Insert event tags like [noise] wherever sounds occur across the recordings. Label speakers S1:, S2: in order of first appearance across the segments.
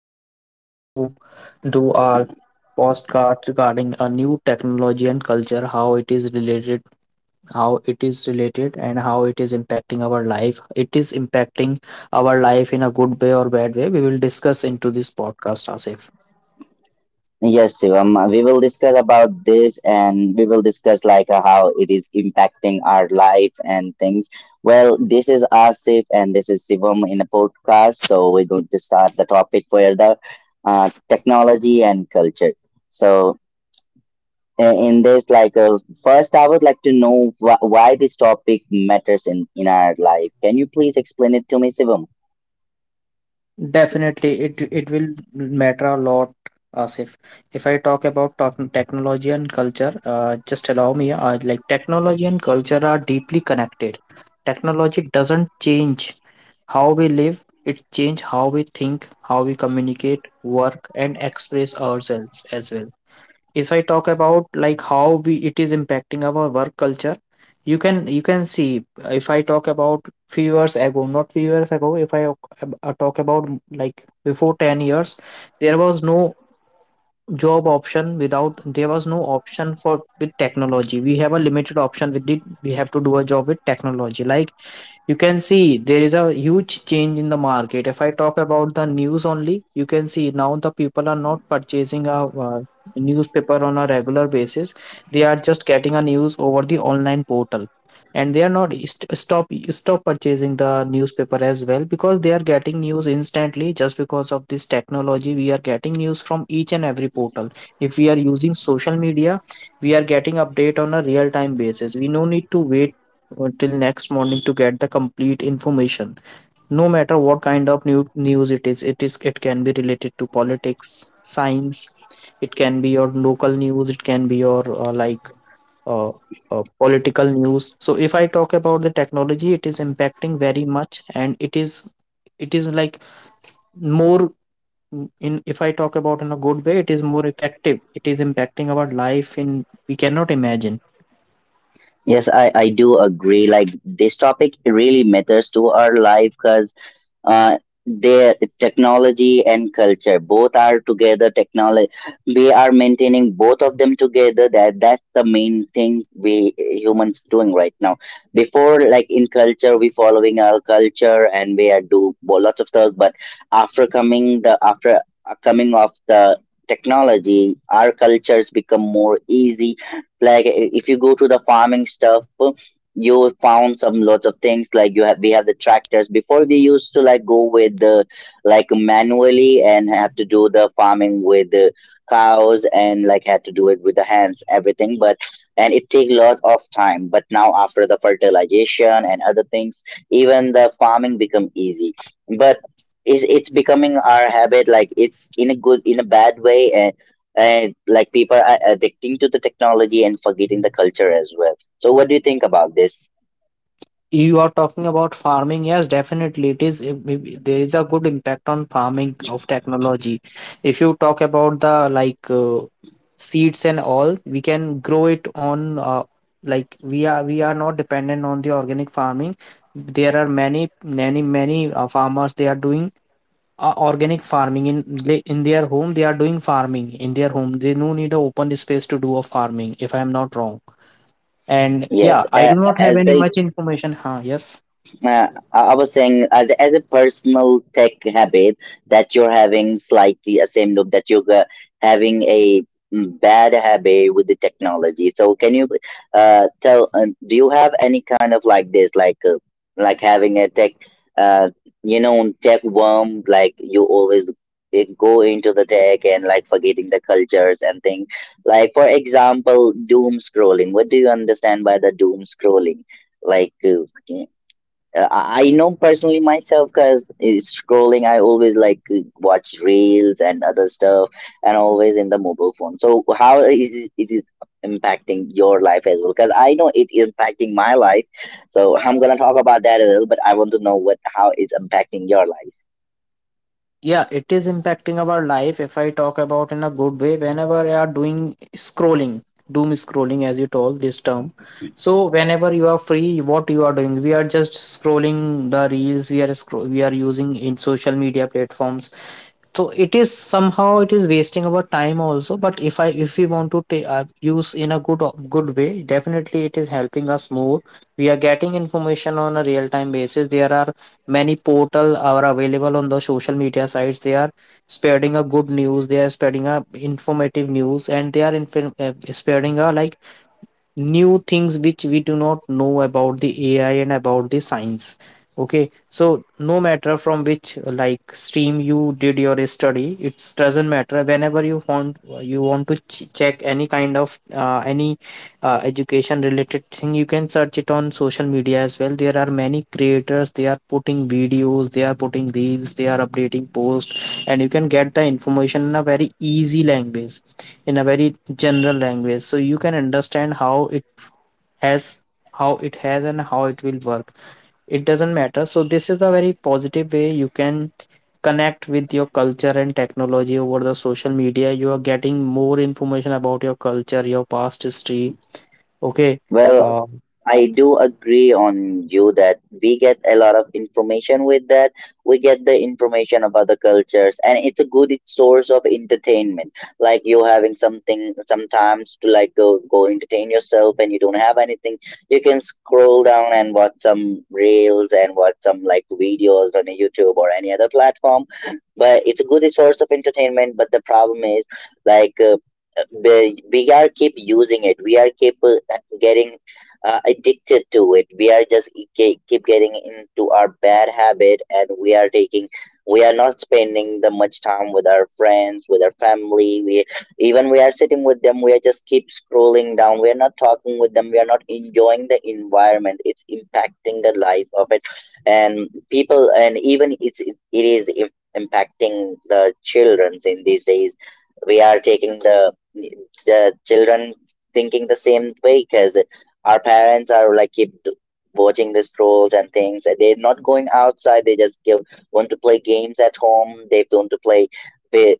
S1: Like we are going to do our postcard regarding a new technology and culture, how it is related, and how it is impacting our life. It is impacting our life in a good way or bad way. We will discuss into this podcast, Asif.
S2: yes, Shivam, we will discuss about this, and we will discuss, like, how it is impacting our life and things. Well, this is Asif and this is Shivam in a podcast. So we're going to start the topic for the technology and culture. So in this, like, first I would like to know why this topic matters in our life. Can you please explain it to me, Sivam?
S1: Definitely, it will matter a lot, Asif. If I talk about technology and culture, just allow me. Like technology and culture are deeply connected. Technology doesn't change how we live; it change how we think, how we communicate, work, and express ourselves as well. If I talk about like how we it is impacting our work culture, you can see, if I talk about few years ago, not few years ago, if I ab- talk about like before 10 years, there was no job option without, there was no option for, with technology we have a limited option with it, we have to do a job with technology. Like, you can see there is a huge change in the market. If I talk about the news only, you can see now the people are not purchasing a newspaper on a regular basis. They are just a news over the online portal, and they are not stop purchasing the newspaper as well, because they are getting news instantly. Just because of this technology, we are getting news from each and every portal. If we are using social media, we are getting update on a real time basis. We no need to wait till next morning to get the complete information, no matter what kind of new news it is. It is it can be related to politics, science. It can be your local news. It can be your uh, political news. So if I talk about the technology, it is impacting very much, and it is, it is like more, in, if I talk about in a good way, it is more effective. It is impacting our life in we cannot imagine.
S2: Yes, I do agree, like, this topic really matters to our life because uh, their technology and culture both are together. Technology, we are maintaining both of them together. That's the main thing we humans doing right now. Before, like, in culture we following our culture, and we are do lots of stuff. But After coming of the technology, our cultures become more easy. Like, if you go to the farming stuff, you found some lots of things, like you have we have the tractors. Before, we used to, like, go with the, like, manually and have to do the farming with the cows, and like, had to do it with the hands, everything. But and it take lot of time. But now, after the fertilization and other things, even the farming become easy. But it's becoming our habit, like, it's in a good, in a bad way. And like, people are addicting to the technology and forgetting the culture as well. So, what do you think about this?
S1: You are talking about farming. Yes, definitely. It is, there is a good impact on farming of technology. If you talk about the like seeds and all, we can grow it on, like we are not dependent on the organic farming. There are many many farmers. They are doing organic farming in in their home. They are doing farming in their home. They no need a open space to do a farming, if I am not wrong. And
S2: Yes,
S1: yeah, I
S2: uh,
S1: do not have
S2: as
S1: any
S2: I
S1: much information. Huh? Yes.
S2: Was saying, as a personal tech habit that you're having, slightly a same loop, that you're having a bad habit with the technology. So can you tell? Do you have any kind of, like, this, like having a uh, tech worm? Like, you always go into the tech and, like, forgetting the cultures and things. Like, for example, doom scrolling. What do you understand by the doom scrolling? Like. I know personally myself, because scrolling, I always like watch reels and other stuff, and always in the mobile phone. So how is it, it is impacting your life as well? Because I know it is impacting my life. So I'm gonna talk about that a little, but I want to know what, how it's impacting your life.
S1: Yeah, it is impacting our life. If I talk about in a good way, whenever you are doing scrolling, doom scrolling as you told this term, so whenever you are free, what you are doing, we are just scrolling the reels. We are using in social media platforms. So it is somehow it is wasting our time also, but if I, if we want to use in a good way, definitely it is helping us more. We are getting information on a real time basis. There are many portal are available on the social media sites. They are spreading a good news. They are spreading a informative news, and they are spreading a like new things which we do not know about the AI and about the science. Okay, so no matter from which like stream you did your study, it doesn't matter. Whenever you want to check any kind of any education related thing, you can search it on social media as well. There are many creators. They are putting videos. They are putting reels. They are updating posts, and you can get the information in a very easy language, in a very general language, so you can understand how it has, and how it will work. It doesn't matter. So this is a very positive way. You can connect with your culture and technology over the social media. You are getting more information about your culture, your past history. Okay.
S2: Well,
S1: uh,
S2: I do agree on you that we get a lot of information with that. We get the information about the cultures, and it's a good source of entertainment. Like, you having something sometimes to, like, go go entertain yourself, and you don't have anything, you can scroll down and watch some reels and watch some, like, videos on YouTube or any other platform. But it's a good source of entertainment. But the problem is like. Uh, we are keep using it. We are keep getting addicted to it. We are just keep getting into our bad habit, and we are taking, we are not spending the much time with our friends, with our family. We, even we are sitting with them, we are just keep scrolling down. We are not talking with them. We are not enjoying the environment. It's impacting the life of it and people. And even it is impacting the childrens in these days. We are taking the children thinking the same way, because our parents are, like, keep watching the scrolls and things. They're not going outside. They just want to play games at home. They want to play the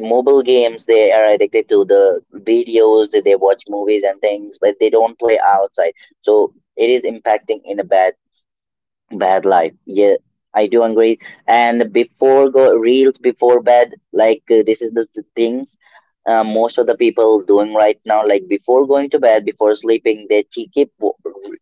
S2: mobile games. They are addicted to the videos. They watch movies and things, but they don't play outside. So it is impacting in a bad life. Yeah, I do agree. And before go reels before bed, like, this is the things most of the people doing right now. Like, before going to bed, before sleeping, they keep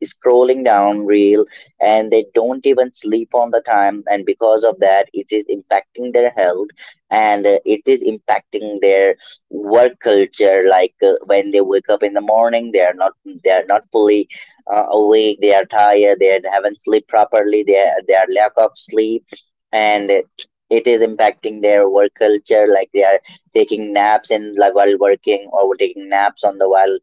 S2: scrolling down reel, and they don't even sleep on the time. And because of that, it is impacting their health, and it is impacting their work culture. Like, when they wake up in the morning, they are not fully awake. They are tired. They haven't slept properly. They their lack of sleep, and it is impacting their work culture. Like, they are taking naps in, like, while working, or taking naps on the while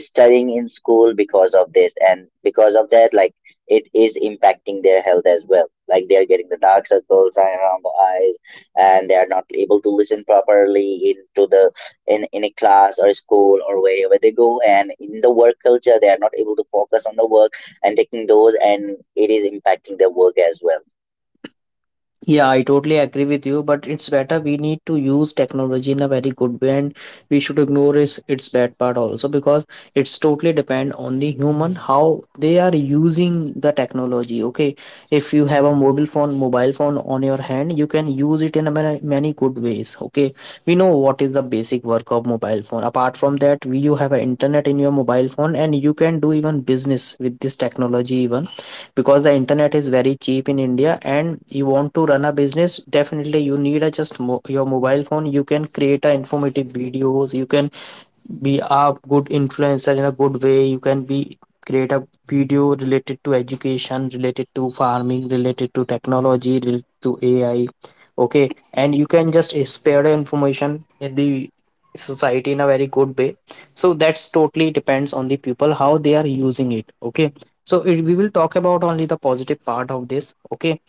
S2: studying in school because of this. And because of that, like, it is impacting their health as well. Like, they are getting the dark circles around the eyes, and they are not able to listen properly into the, in a class or school or wherever they go. And in the work culture, they are not able to focus on the work, and taking those, and it is impacting their work as well.
S1: Yeah, I totally agree with you, but it's better we need to use technology in a very good way, and we should ignore its bad part also, because it's totally depend on the human how they are using the technology. Okay, if you have a mobile phone on your hand, you can use it in a many good ways. Okay, we know what is the basic work of mobile phone. Apart from that, we you have an internet in your mobile phone, and you can do even business with this technology. Even because the internet is very cheap in India, and you want to run a business, definitely you need a just your mobile phone. You can create a informative videos. You can be a good influencer in a good way. You can be, create a video related to education, related to farming, related to technology, related to AI. Okay, and you can just spread the information in the society in a very good way. So that's totally depends on the people how they are using it. Okay, so it, we will talk about only the positive part of this. Okay,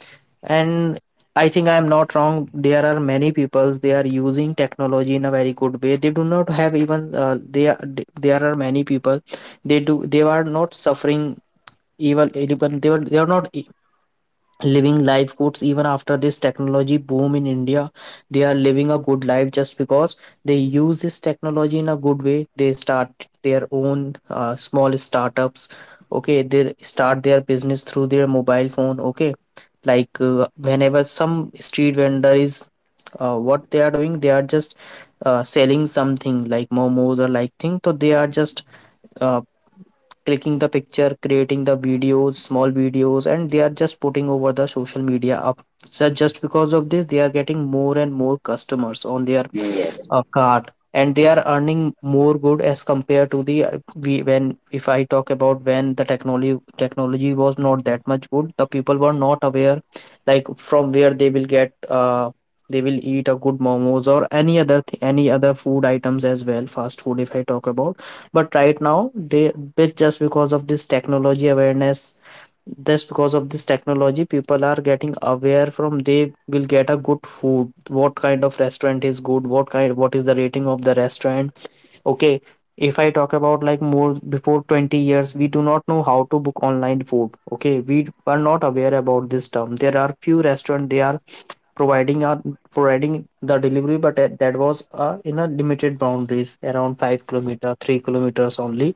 S1: and I think I am not wrong. There are many peoples they are using technology in a very good way. They do not have even they are, there are many people, they do they are not suffering evil. Even they were, they are not living life goods even after this technology boom in India. They are living a good life just because they use this technology in a good way. They start their own small startups. Okay, they start their business through their mobile phone. Okay, like whenever some street vendor is, what they are doing, they are just selling something like momos or like thing. So they are just uh, clicking the picture, creating the videos, small videos, and they are just putting over the social media up. So just because of this, they are getting more and more customers on their,
S2: Mm, yes.
S1: a cart, and they are earning more good as compared to the we, when if I talk about when the technology was not that much good, the people were not aware, like from where they will get, uh, they will eat a good momos or any other any other food items as well, fast food if I talk about. But right now they, but just because of this technology awareness, just because of this technology, people are getting aware from they will get a good food. What kind of restaurant is good? What kind? What is the rating of the restaurant? Okay, if I talk about like more before 20 years, we do not know how to book online food. Okay, we are not aware about this term. There are few restaurant they are providing our, providing the delivery, but that was in a limited boundaries around 5 kilometer, 3 kilometers only.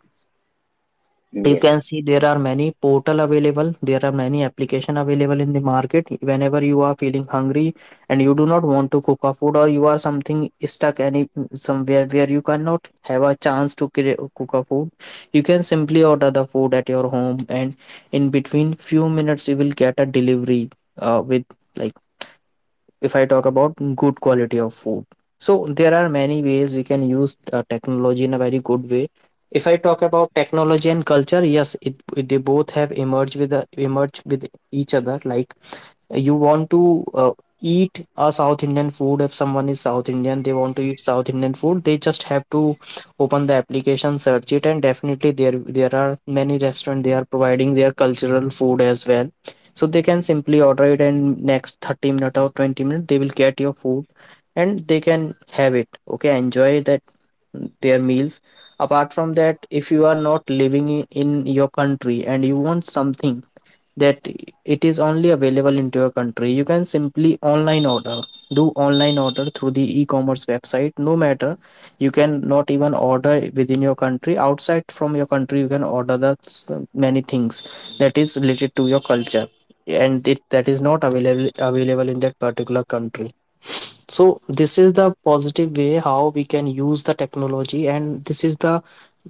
S2: Mm,
S1: But you
S2: yes.
S1: can see there are many portal available, there are many application available in the market. Whenever you are feeling hungry, and you do not want to cook a food, or you are something stuck any somewhere where you cannot have a chance to create, cook a food, you can simply order the food at your home, and in between few minutes you will get a delivery with like, if I talk about good quality of food. So there are many ways we can use technology in a very good way. If I talk about technology and culture, yes it, they both have emerged with the emerged with each other. Like, you want to eat a south indian food, if someone is south indian, they want to eat south indian food, they just have to open the application, search it, and definitely there, there are many restaurants they are providing their cultural food as well. So they can simply order it, and next 30 minute or 20-minute they will get your food, and they can have it. Okay, enjoy that their meals. Apart from that, if you are not living in your country, and you want something that it is only available into your country, you can simply online order, do online order through the e-commerce website. No matter, you can not even order within your country, outside from your country you can order the many things that is related to your culture, and it, that is not available in that particular country. So this is the positive way how we can use the technology, and this is the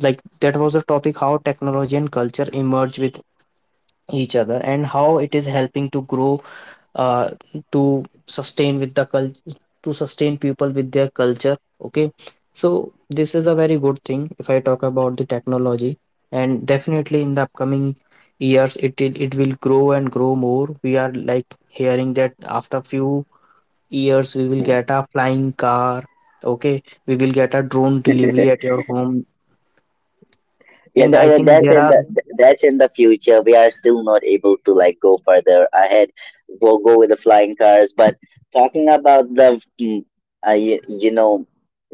S1: like, that was the topic how technology and culture emerge with each other, and how it is helping to grow. uh, to sustain with the culture, to sustain people with their culture. Okay, so this is a very good thing if I talk about the technology. And definitely in the upcoming years, it will grow and grow more. We are like hearing that after few years we will
S2: Mm.
S1: get a flying car. Okay, we will get a drone delivery
S2: [laughs]
S1: at your home.
S2: Yeah,
S1: In, I think there are—
S2: that's in the future. We are still not able to, like, go further ahead. We'll go with the flying cars. But talking about the, mm, uh, you, you know,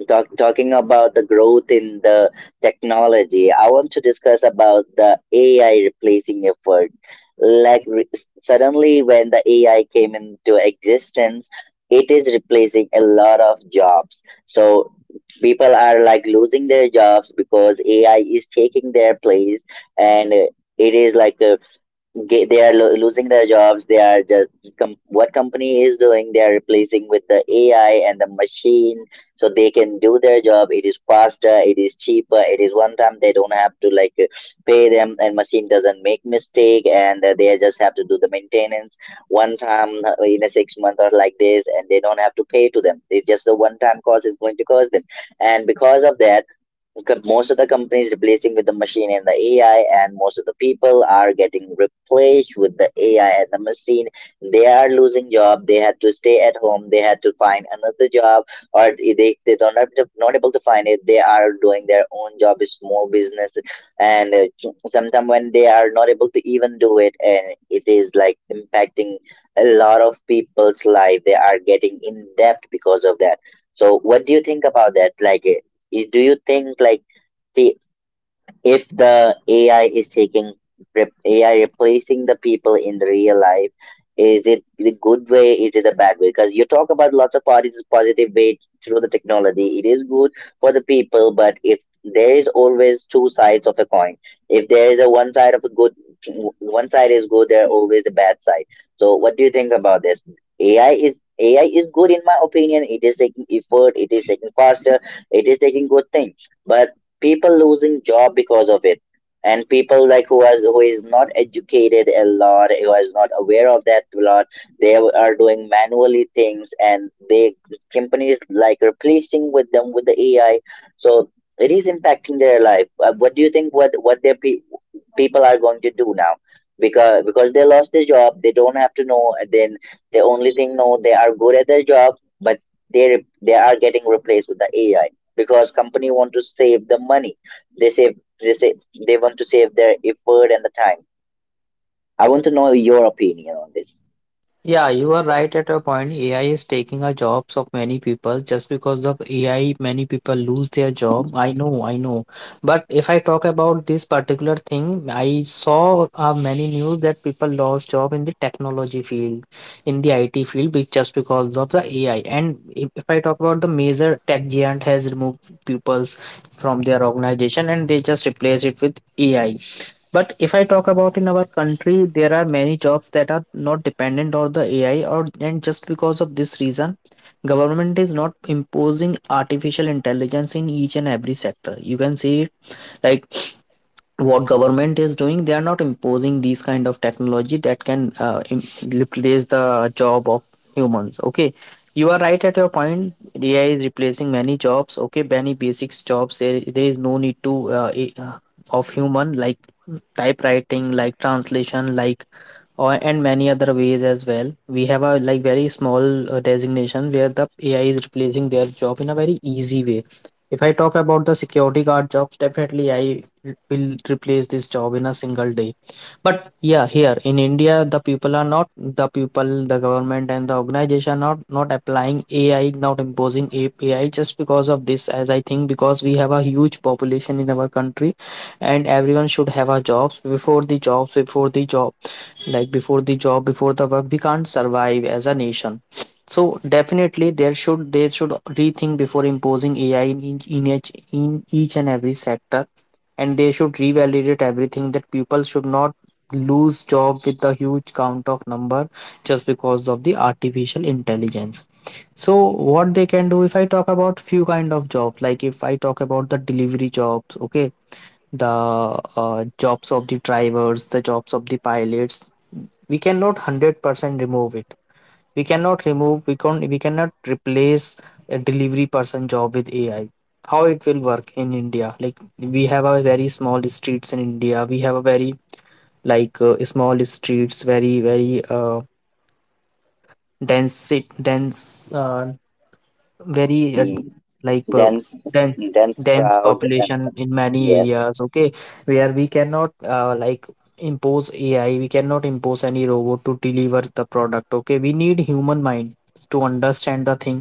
S2: talking about the growth in the technology, I want to discuss about the AI replacing effort. Like, suddenly, when the AI came into existence, it is replacing a lot of jobs. So people are, like, losing their jobs because AI is taking their place, and it is like, they are losing their jobs. They are just what company is doing, they are replacing with the AI and the machine, so they can do their job. It is faster, it is cheaper, it is one time. They don't have to, like, pay them, and machine doesn't make mistake, and they just have to do the maintenance one time, in a 6 month or like this, and they don't have to pay to them. It's just the one time cost is going to cost them. And because of that, because most of the companies replacing with the machine and the AI, and most of the people are getting replaced with the AI and the machine. They are losing job. They had to stay at home. They had to find another job, or if they don't have to, not able to find it, they are doing their own job, small business. And sometimes when they are not able to even do it, and it is, like, impacting a lot of people's life. They are getting in debt because of that. So, what do you think about that? Like, Y do you think, like, the if the AI is AI replacing the people in the real life, is it the good way? Is it a bad way? Because you talk about lots of parties positive way through the technology. It is good for the people, but if there is always two sides of a coin, if there is a one side of a good, one side is good, there are always a bad side. So what do you think about this? AI is AI is good in my opinion. It is taking effort. It is taking faster. It is taking good things, but people losing job because of it. And people, like, who is not educated a lot, who is not aware of that a lot, they are doing manually things, and they, companies, like, replacing with them with the AI. So it is impacting their life. What do you think, what their people are going to do now? Because they lost their job, they don't have to know. And then the only thing know they are good at their job, but they they are getting replaced with the AI, because company want to save the money. They say they want to save their effort and the time. I want to know your opinion on this.
S1: Yeah, you are right at a point. AI is taking our jobs of many people. Just because of AI, many people lose their job. I know. But if I talk about this particular thing, I saw many news that people lost job in the technology field, in the IT field, just because of the AI. And if I talk about, the major tech giant has removed pupils from their organization and they just replace it with AI. But if I talk about in our country, there are many jobs that are not dependent on the AI, or and just because of this reason, government is not imposing artificial intelligence in each and every sector. You can see it, like, what government is doing, they are not imposing these kind of technology that can replace the job of humans. Okay, you are right at your point. AI is replacing many jobs, okay, many basics jobs. There is no need to of human, like typewriting, like translation, like, or and many other ways as well. We have a like very small designation where the AI is replacing their job in a very easy way. If I talk about the security guard jobs, definitely I will replace this job in a single day. But yeah, here in India, the people are not— the people, the government and the organization are not applying AI, not imposing AI just because of this. As I think, because we have a huge population in our country, and everyone should have a jobs before the job, like before the job before the work, we can't survive as a nation. So definitely there should— they should rethink before imposing AI in each and every sector, and they should revalidate everything that people should not lose job with the huge count of number just because of the artificial intelligence. So what they can do, if I talk about few kind of job, like if I talk about the delivery jobs, okay, the jobs of the drivers, the jobs of the pilots. We cannot 100% remove it. We cannot remove. We can— we cannot replace a delivery person job with AI. How it will work in India? Like we have a very small streets in India. We have a very like small streets, very very dense dense very
S2: Mm,
S1: like
S2: dense
S1: dense
S2: dense
S1: dense
S2: crowd, and
S1: population in many
S2: yes.
S1: areas. Okay, where we cannot like impose AI, we cannot impose any robot to deliver the product. Okay, we need human mind to understand the thing,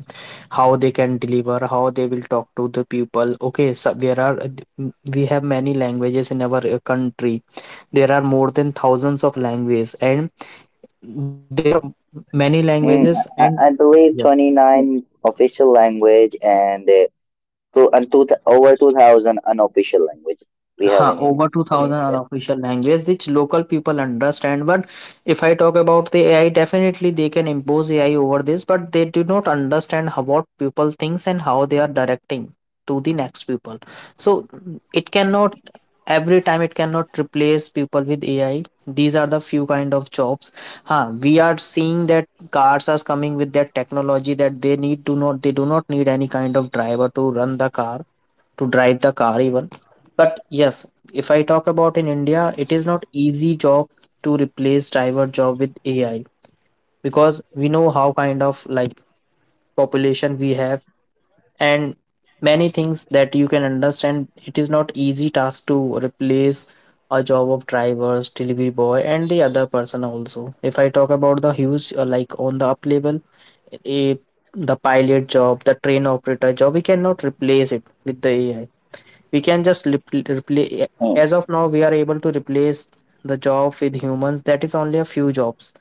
S1: how they can deliver, how they will talk to the people. Okay, so there are we have many languages in our country. There are more than thousands of languages, and there are m- many
S2: Mm,
S1: languages. And
S2: I,
S1: yeah.
S2: I believe 29 official language, and over 2000 unofficial language we have
S1: Huh,
S2: in in,
S1: over
S2: in
S1: 2000
S2: India.
S1: unofficial language which local people understand. But if I talk about the AI, definitely they can impose AI over this, but they do not understand how, what people thinks and how they are directing to the next people. So it cannot— every time it cannot replace people with AI. These are the few kind of jobs. Huh, we are seeing that cars are coming with that technology, that they need— do not they do not need any kind of driver to run the car, to drive the car even. But yes, if I talk about in India, it is not easy job to replace driver job with AI, because we know how kind of like population we have, and many things that you can understand. It is not easy task to replace a job of drivers, delivery boy, and the other person also. If I talk about the huge like on the up level, a— the pilot job, the train operator job, we cannot replace it with the AI. We can just replace— as of now we are able to replace the job with humans, that is only a few jobs.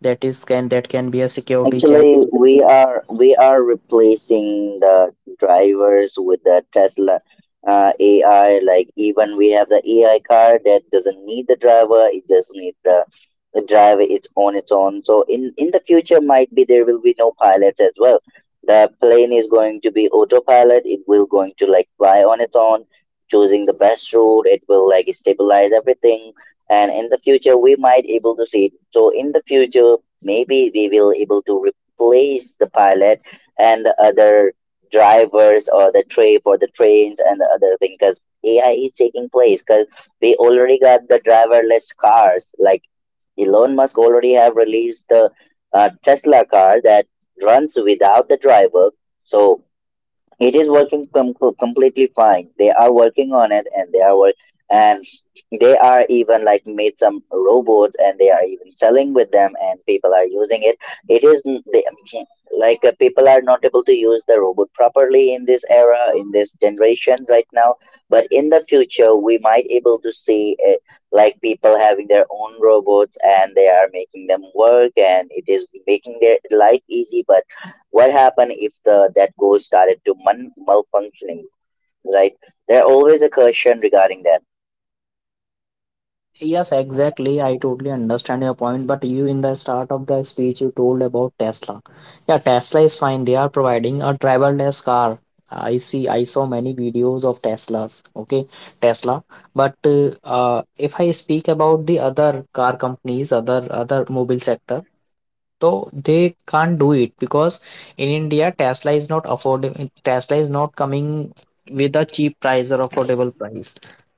S1: That is— can that can be a security check.
S2: Actually, we are replacing the drivers with the Tesla, AI. Like, even we have the AI car that doesn't need the driver; it just needs the, driver its on its own. So in the future, might be there will be no pilots as well. The plane is going to be autopilot. It will going to, like, fly on its own, choosing the best route. It will, like, stabilize everything. And in the future, we might able to see it. So in the future, maybe we will able to replace the pilot and the other drivers or the tray for the trains and the other thing because AI is taking place because we already got the driverless cars like Elon Musk already have released the Tesla car that runs without the driver, so it is working completely fine. They are working on it, and they are work and they are even like made some robots, and they are even selling with them, and people are using it. It is n- they, mm, like people are not able to use the robot properly in this era, in this generation right now. But in the future, we might able to see like people having their own robots, and they are making them work, and it is making their life easy. But what happened if the that ghost started to malfunctioning, right? There always a question regarding that.
S1: Yes, exactly. I totally understand your point, but you— in the start of the speech you told about Tesla. Yeah, Tesla is fine. They are providing a driverless car. I see. I saw many videos of Teslas. Okay, Tesla. But if I speak about the other car companies, other mobile sector, so they can't do it because in India Tesla is not affordable. Tesla is not coming with a cheap price or affordable price.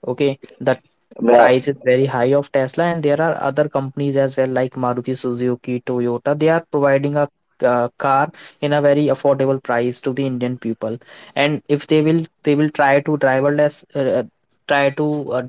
S1: Okay, the
S2: Well,
S1: price is very high of Tesla, and there are other companies as well like Maruti Suzuki, Toyota. They are providing a car in a very affordable price to the Indian people. And if they will— they will try to driverless, try to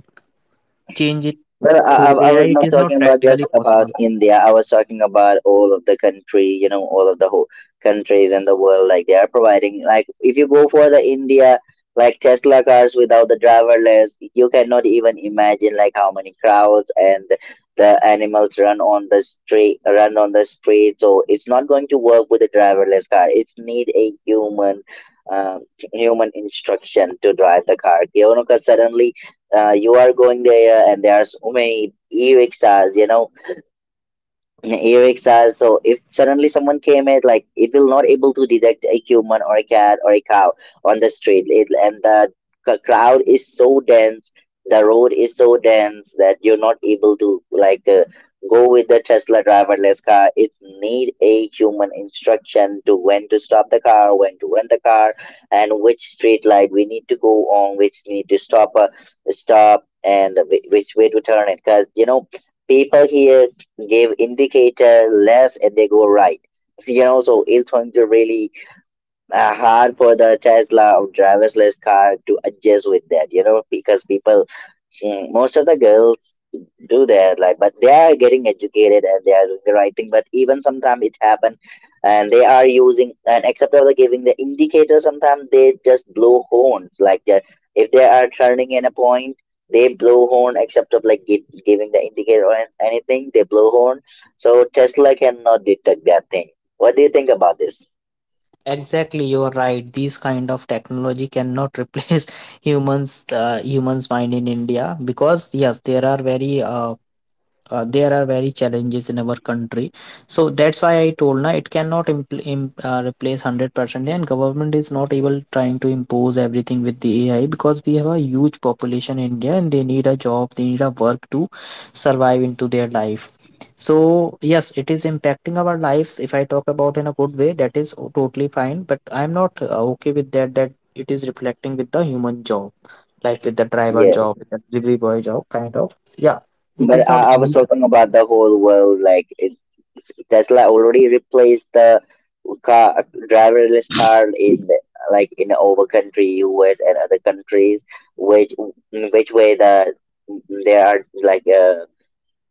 S1: change it
S2: Well, I, I
S1: through
S2: I
S1: AI.
S2: was
S1: It
S2: not
S1: is not
S2: talking about
S1: practically
S2: just
S1: possible.
S2: about India. I was talking about all of the country, you know, all of the whole countries in the world. Like they are providing, like if you go for the India, like Tesla cars without the driverless, you cannot even imagine like how many crowds and the animals run on the street, run on the street. So it's not going to work with a driverless car. It's need a human, um, human instruction to drive the car. You know, because suddenly you are going there and there are so many e-rickshaws, you know, in Erixa. So if suddenly someone came in, like it will not able to detect a human or a cat or a cow on the street. It, and the crowd is so dense, the road is so dense that you're not able to like go with the Tesla driverless car. It need a human instruction to when to stop the car, when to run the car, and which street light we need to go on, which need to stop, stop, and which way to turn it. Because you know people here give indicator left and they go right. So, you know, so it's going to really hard for the Tesla or driverless car to adjust with that. You know, because people mm, most of the girls do that like, but they are getting educated and they are doing the right thing, but even sometimes it happen and they are using, and except for the giving the indicator sometimes they just blow horns like that. If they are turning in a point, they blow horn except of like giving the indicator or anything, they blow horn. So Tesla cannot detect that thing. What do you think about this?
S1: Exactly, you are right. These kind of technology cannot replace [laughs] humans, humans mind in India, because yes, there are very challenges in our country. So that's why I told na, it cannot replace 100%, and government is not able— trying to impose everything with the AI, because we have a huge population in India and they need a job, they need a work to survive into their life. So yes, it is impacting our lives. If I talk about in a good way, that is totally fine, but I'm not okay with that, that it is reflecting with the human job, like with the driver job, with the delivery boy job kind of. Yeah, it is
S2: But
S1: not
S2: I was
S1: easy.
S2: talking about the whole world. Like Tesla already replaced the car driverless car in like in over country U.S. and other countries, which which way the there are like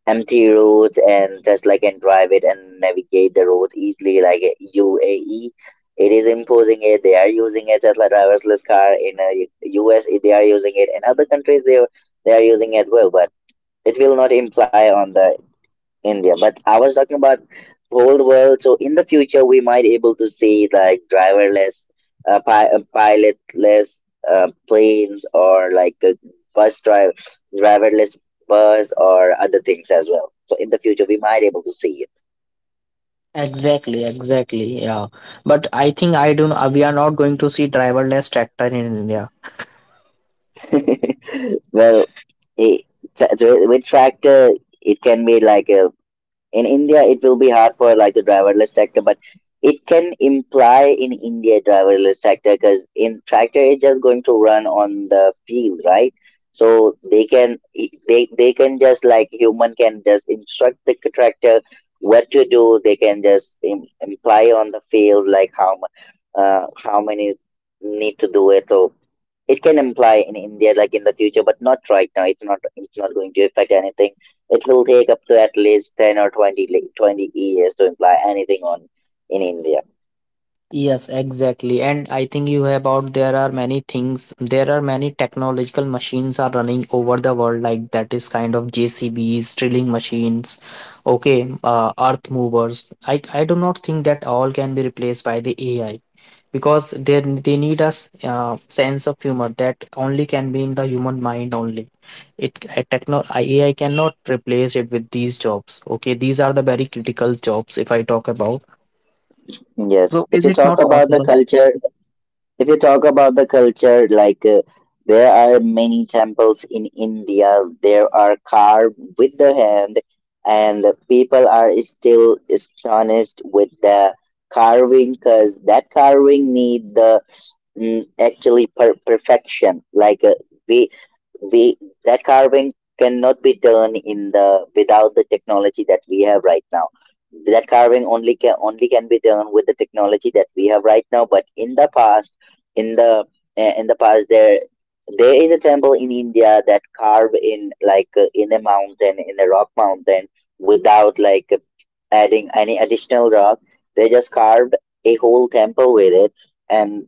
S2: empty roads and Tesla can drive it and navigate the roads easily. Like UAE, it is imposing it. They are using a Tesla driverless car in U.S. They are using it, and other countries they are using it well. But it will not imply on the India. But I was talking about whole world. So in the future, we might able to see like driverless, pilotless planes or like a bus drive, driverless bus or other things as well. So in the future, we might able to see
S1: Exactly, exactly. Yeah. But I think I do not— we are not going to see driverless tractor in India.
S2: it. [laughs] Well, it, with tractor, it can be like a in India, it will be hard for like the driverless tractor, but it can imply in India driverless tractor because in tractor it's just going to run on the field, right? So they can they can just like human can just instruct the tractor what to do. They can just imply on the field like how how many need to do it. So it can imply in India, like in the future, but not right now. It's not going to affect anything. It will take up to at least 10 or 20, 20 years to imply anything on in India.
S1: Yes, exactly. And I think you have about— there are many things, there are many technological machines are running over the world, like that is kind of JCBs, drilling machines, okay, earth movers. I do not think that all can be replaced by the AI, because they need a sense of humor that only can be in the human mind only. It techno AI cannot replace it with these jobs. Okay, these are the very critical jobs if I talk about.
S2: Yes,
S1: So
S2: if
S1: is
S2: you
S1: it
S2: talk
S1: not
S2: about the
S1: possible?
S2: culture, if you talk about the culture, like there are many temples in India. There are carved with the hand, and people are still astonished with the carving because that carving need the mm, actually perfection, like we we that carving cannot be done in the without the technology that we have right now. That carving only can be done with the technology that we have right now, but in the past, in the in the past there there is a temple in India that carve in like in a mountain, in a rock mountain, without like adding any additional rock. They just carved a whole temple with it, and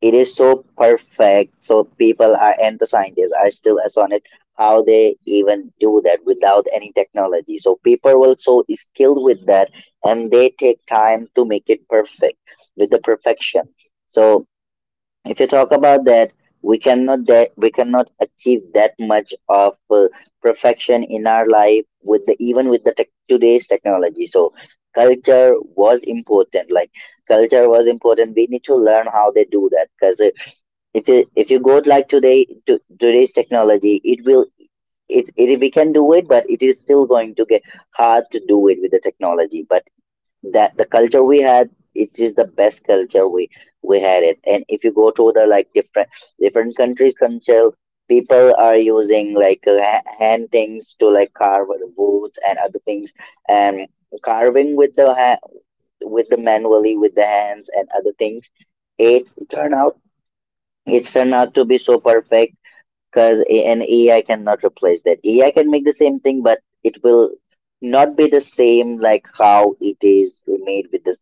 S2: it is so perfect. So people are and the scientists are still astonished how they even do that without any technology. So people were so skilled with that, and they take time to make it perfect with the perfection. So if you talk about that we cannot achieve that much of perfection in our life with the even with the tech today's technology. So culture was important, like culture was important. We need to learn how they do that because if you go like today to today's technology, it will it, it we can do it, but it is still going to get hard to do it with the technology. But that the culture we had, it is the best culture we had it. And if you go to the like different different countries culture, people are using like hand things to like carve woods and other things, and carving with the with the manually with the hands and other things, it turned out it's turned out to be so perfect because an AI cannot replace that. AI can make the same thing, but it will not be the same like how it is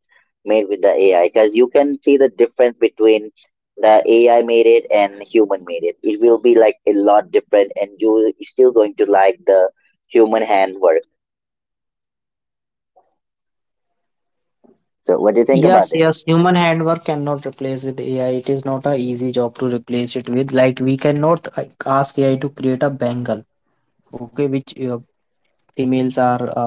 S2: made with the AI. Because you can see the difference between the AI made it and human made it. It will be like a lot different, and you are still going to like the human handwork. So, what do you think about
S1: Yes,
S2: this?
S1: yes, human handwork cannot replace with AI. It is not a easy job to replace it with. Like we cannot like ask AI to create a bangle, okay, which females are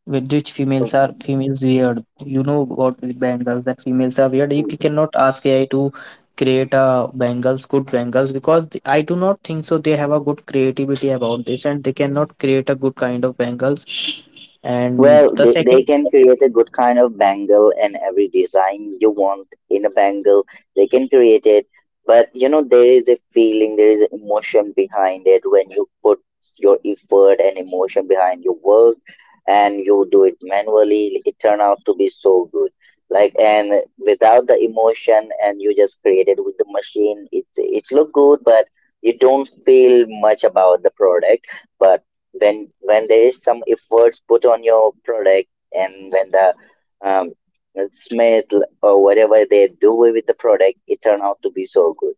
S1: with which females are— females weird. You know what, the bangles that females are weird. You cannot ask AI to create a bangles, good bangles, because the— I do not think so. They have a good creativity about this, and they cannot create a good kind of bangles. And
S2: Well,
S1: the
S2: they
S1: second—
S2: can create a good kind of bangle, and every design you want in a bangle, they can create it. But you know, there is a feeling, there is an emotion behind it. When you put your effort and emotion behind your work and you do it manually, it turned out to be so good. Like and without the emotion and you just create it with the machine, it look good, but you don't feel much about the product. But when there is some efforts put on your product, and when the um, smith or whatever they do with the product, it turn out to be so good.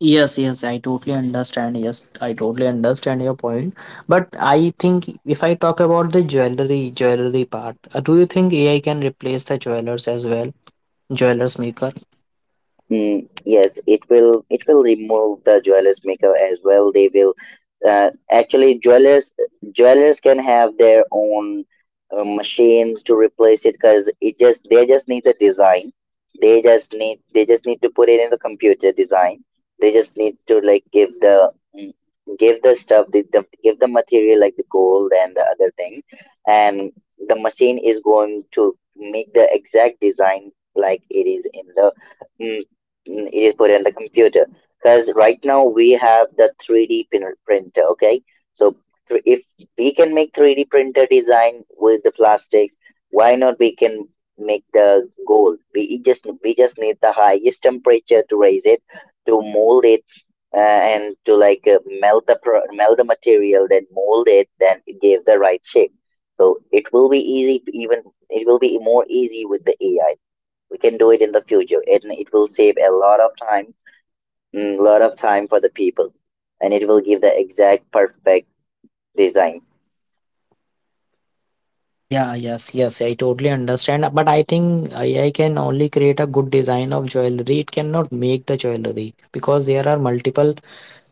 S1: Yes, yes, I totally understand. Yes, I totally understand your point. But I think if I talk about the jewelry, jewelry part, do you think AI can replace the jewelers as well? Jewelers maker?
S2: Mm, yes, it will remove the jewelers makeup as well. They will actually jewelers jewelers can have their own machine to replace it because it just they just need the design. They just need to put it in the computer design. They just need to like give the mm, give the stuff the give the material like the gold and the other thing, and the machine is going to make the exact design like it is in the mm, it is put in the computer. Because right now we have the 3D printer. Okay, so if we can make 3D printer design with the plastics, why not we can make the gold? We just need the highest temperature to raise it, to mold it, and to like melt the material, then mold it, then it gave the right shape. So it will be easy. Even it will be more easy with the AI. We can do it in the future, and it will save a lot of time, mm, lot of time for the people, and it will give the exact perfect design.
S1: Yeah, yes, yes, I totally understand. But I think AI can only create a good design of jewelry. It cannot make the jewelry because there are multiple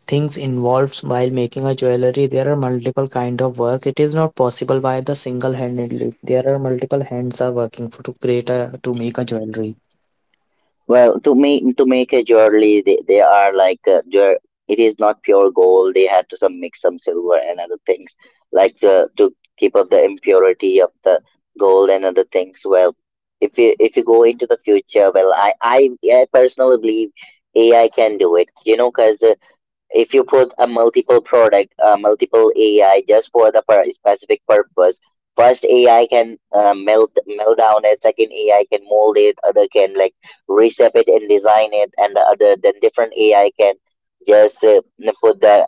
S1: things involved while making a jewelry. There are multiple kind of work, it is not possible by the single handedly. There are multiple hands are working for, to create a— to make a jewelry.
S2: Well, to make a jewelry, they are like is not pure gold. They had to some mix some silver and other things, like to keep up the impurity of the gold and other things. Well, if you go into the future, well, I personally believe AI can do it, you know, because if you put a multiple product, multiple AI just for the specific purpose, first AI can melt down it, second AI can mold it, other can like reshape it and design it, and the other then different AI can just put the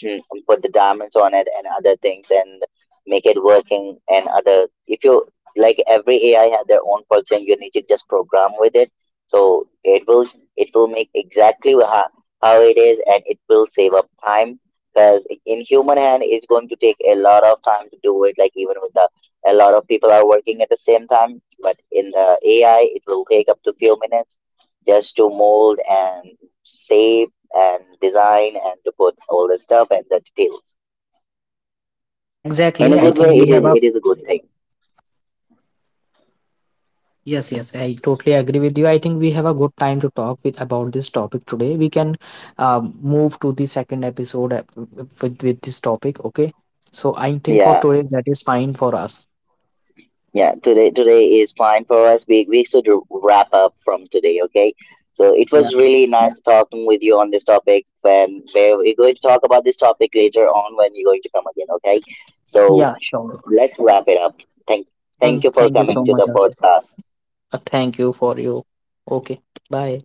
S2: to put the diamonds on it and other things and make it working. And other if you like every AI have their own bugs, and you need to just program with it. So it will make exactly how it is, and it will save up time because in human hand it's going to take a lot of time to do it, like even with the a lot of people are working at the same time, but in the AI it will take up to few minutes just to mold and save and design and to put all the stuff and the details. In
S1: Exactly,
S2: a
S1: I
S2: good way,
S1: think we have a—
S2: it is a good thing.
S1: yes yes, I totally agree with you. I think we have a good time to talk with about this topic today. We can move to the second episode with this topic. Okay, so I think for
S2: Yeah,
S1: today that is fine for us.
S2: yeah. Today is fine for us. We should wrap up from today. Okay. So it
S1: Yeah,
S2: was really nice talking with you on this topic. When where we're going to talk about this topic later on when you're going to come again. Okay. So
S1: yeah sure.
S2: let's wrap it up. Thank
S1: thank
S2: thank you for
S1: thank you
S2: coming
S1: so
S2: to
S1: much,
S2: the
S1: Asif.
S2: podcast.
S1: Thank you for you. Okay, bye.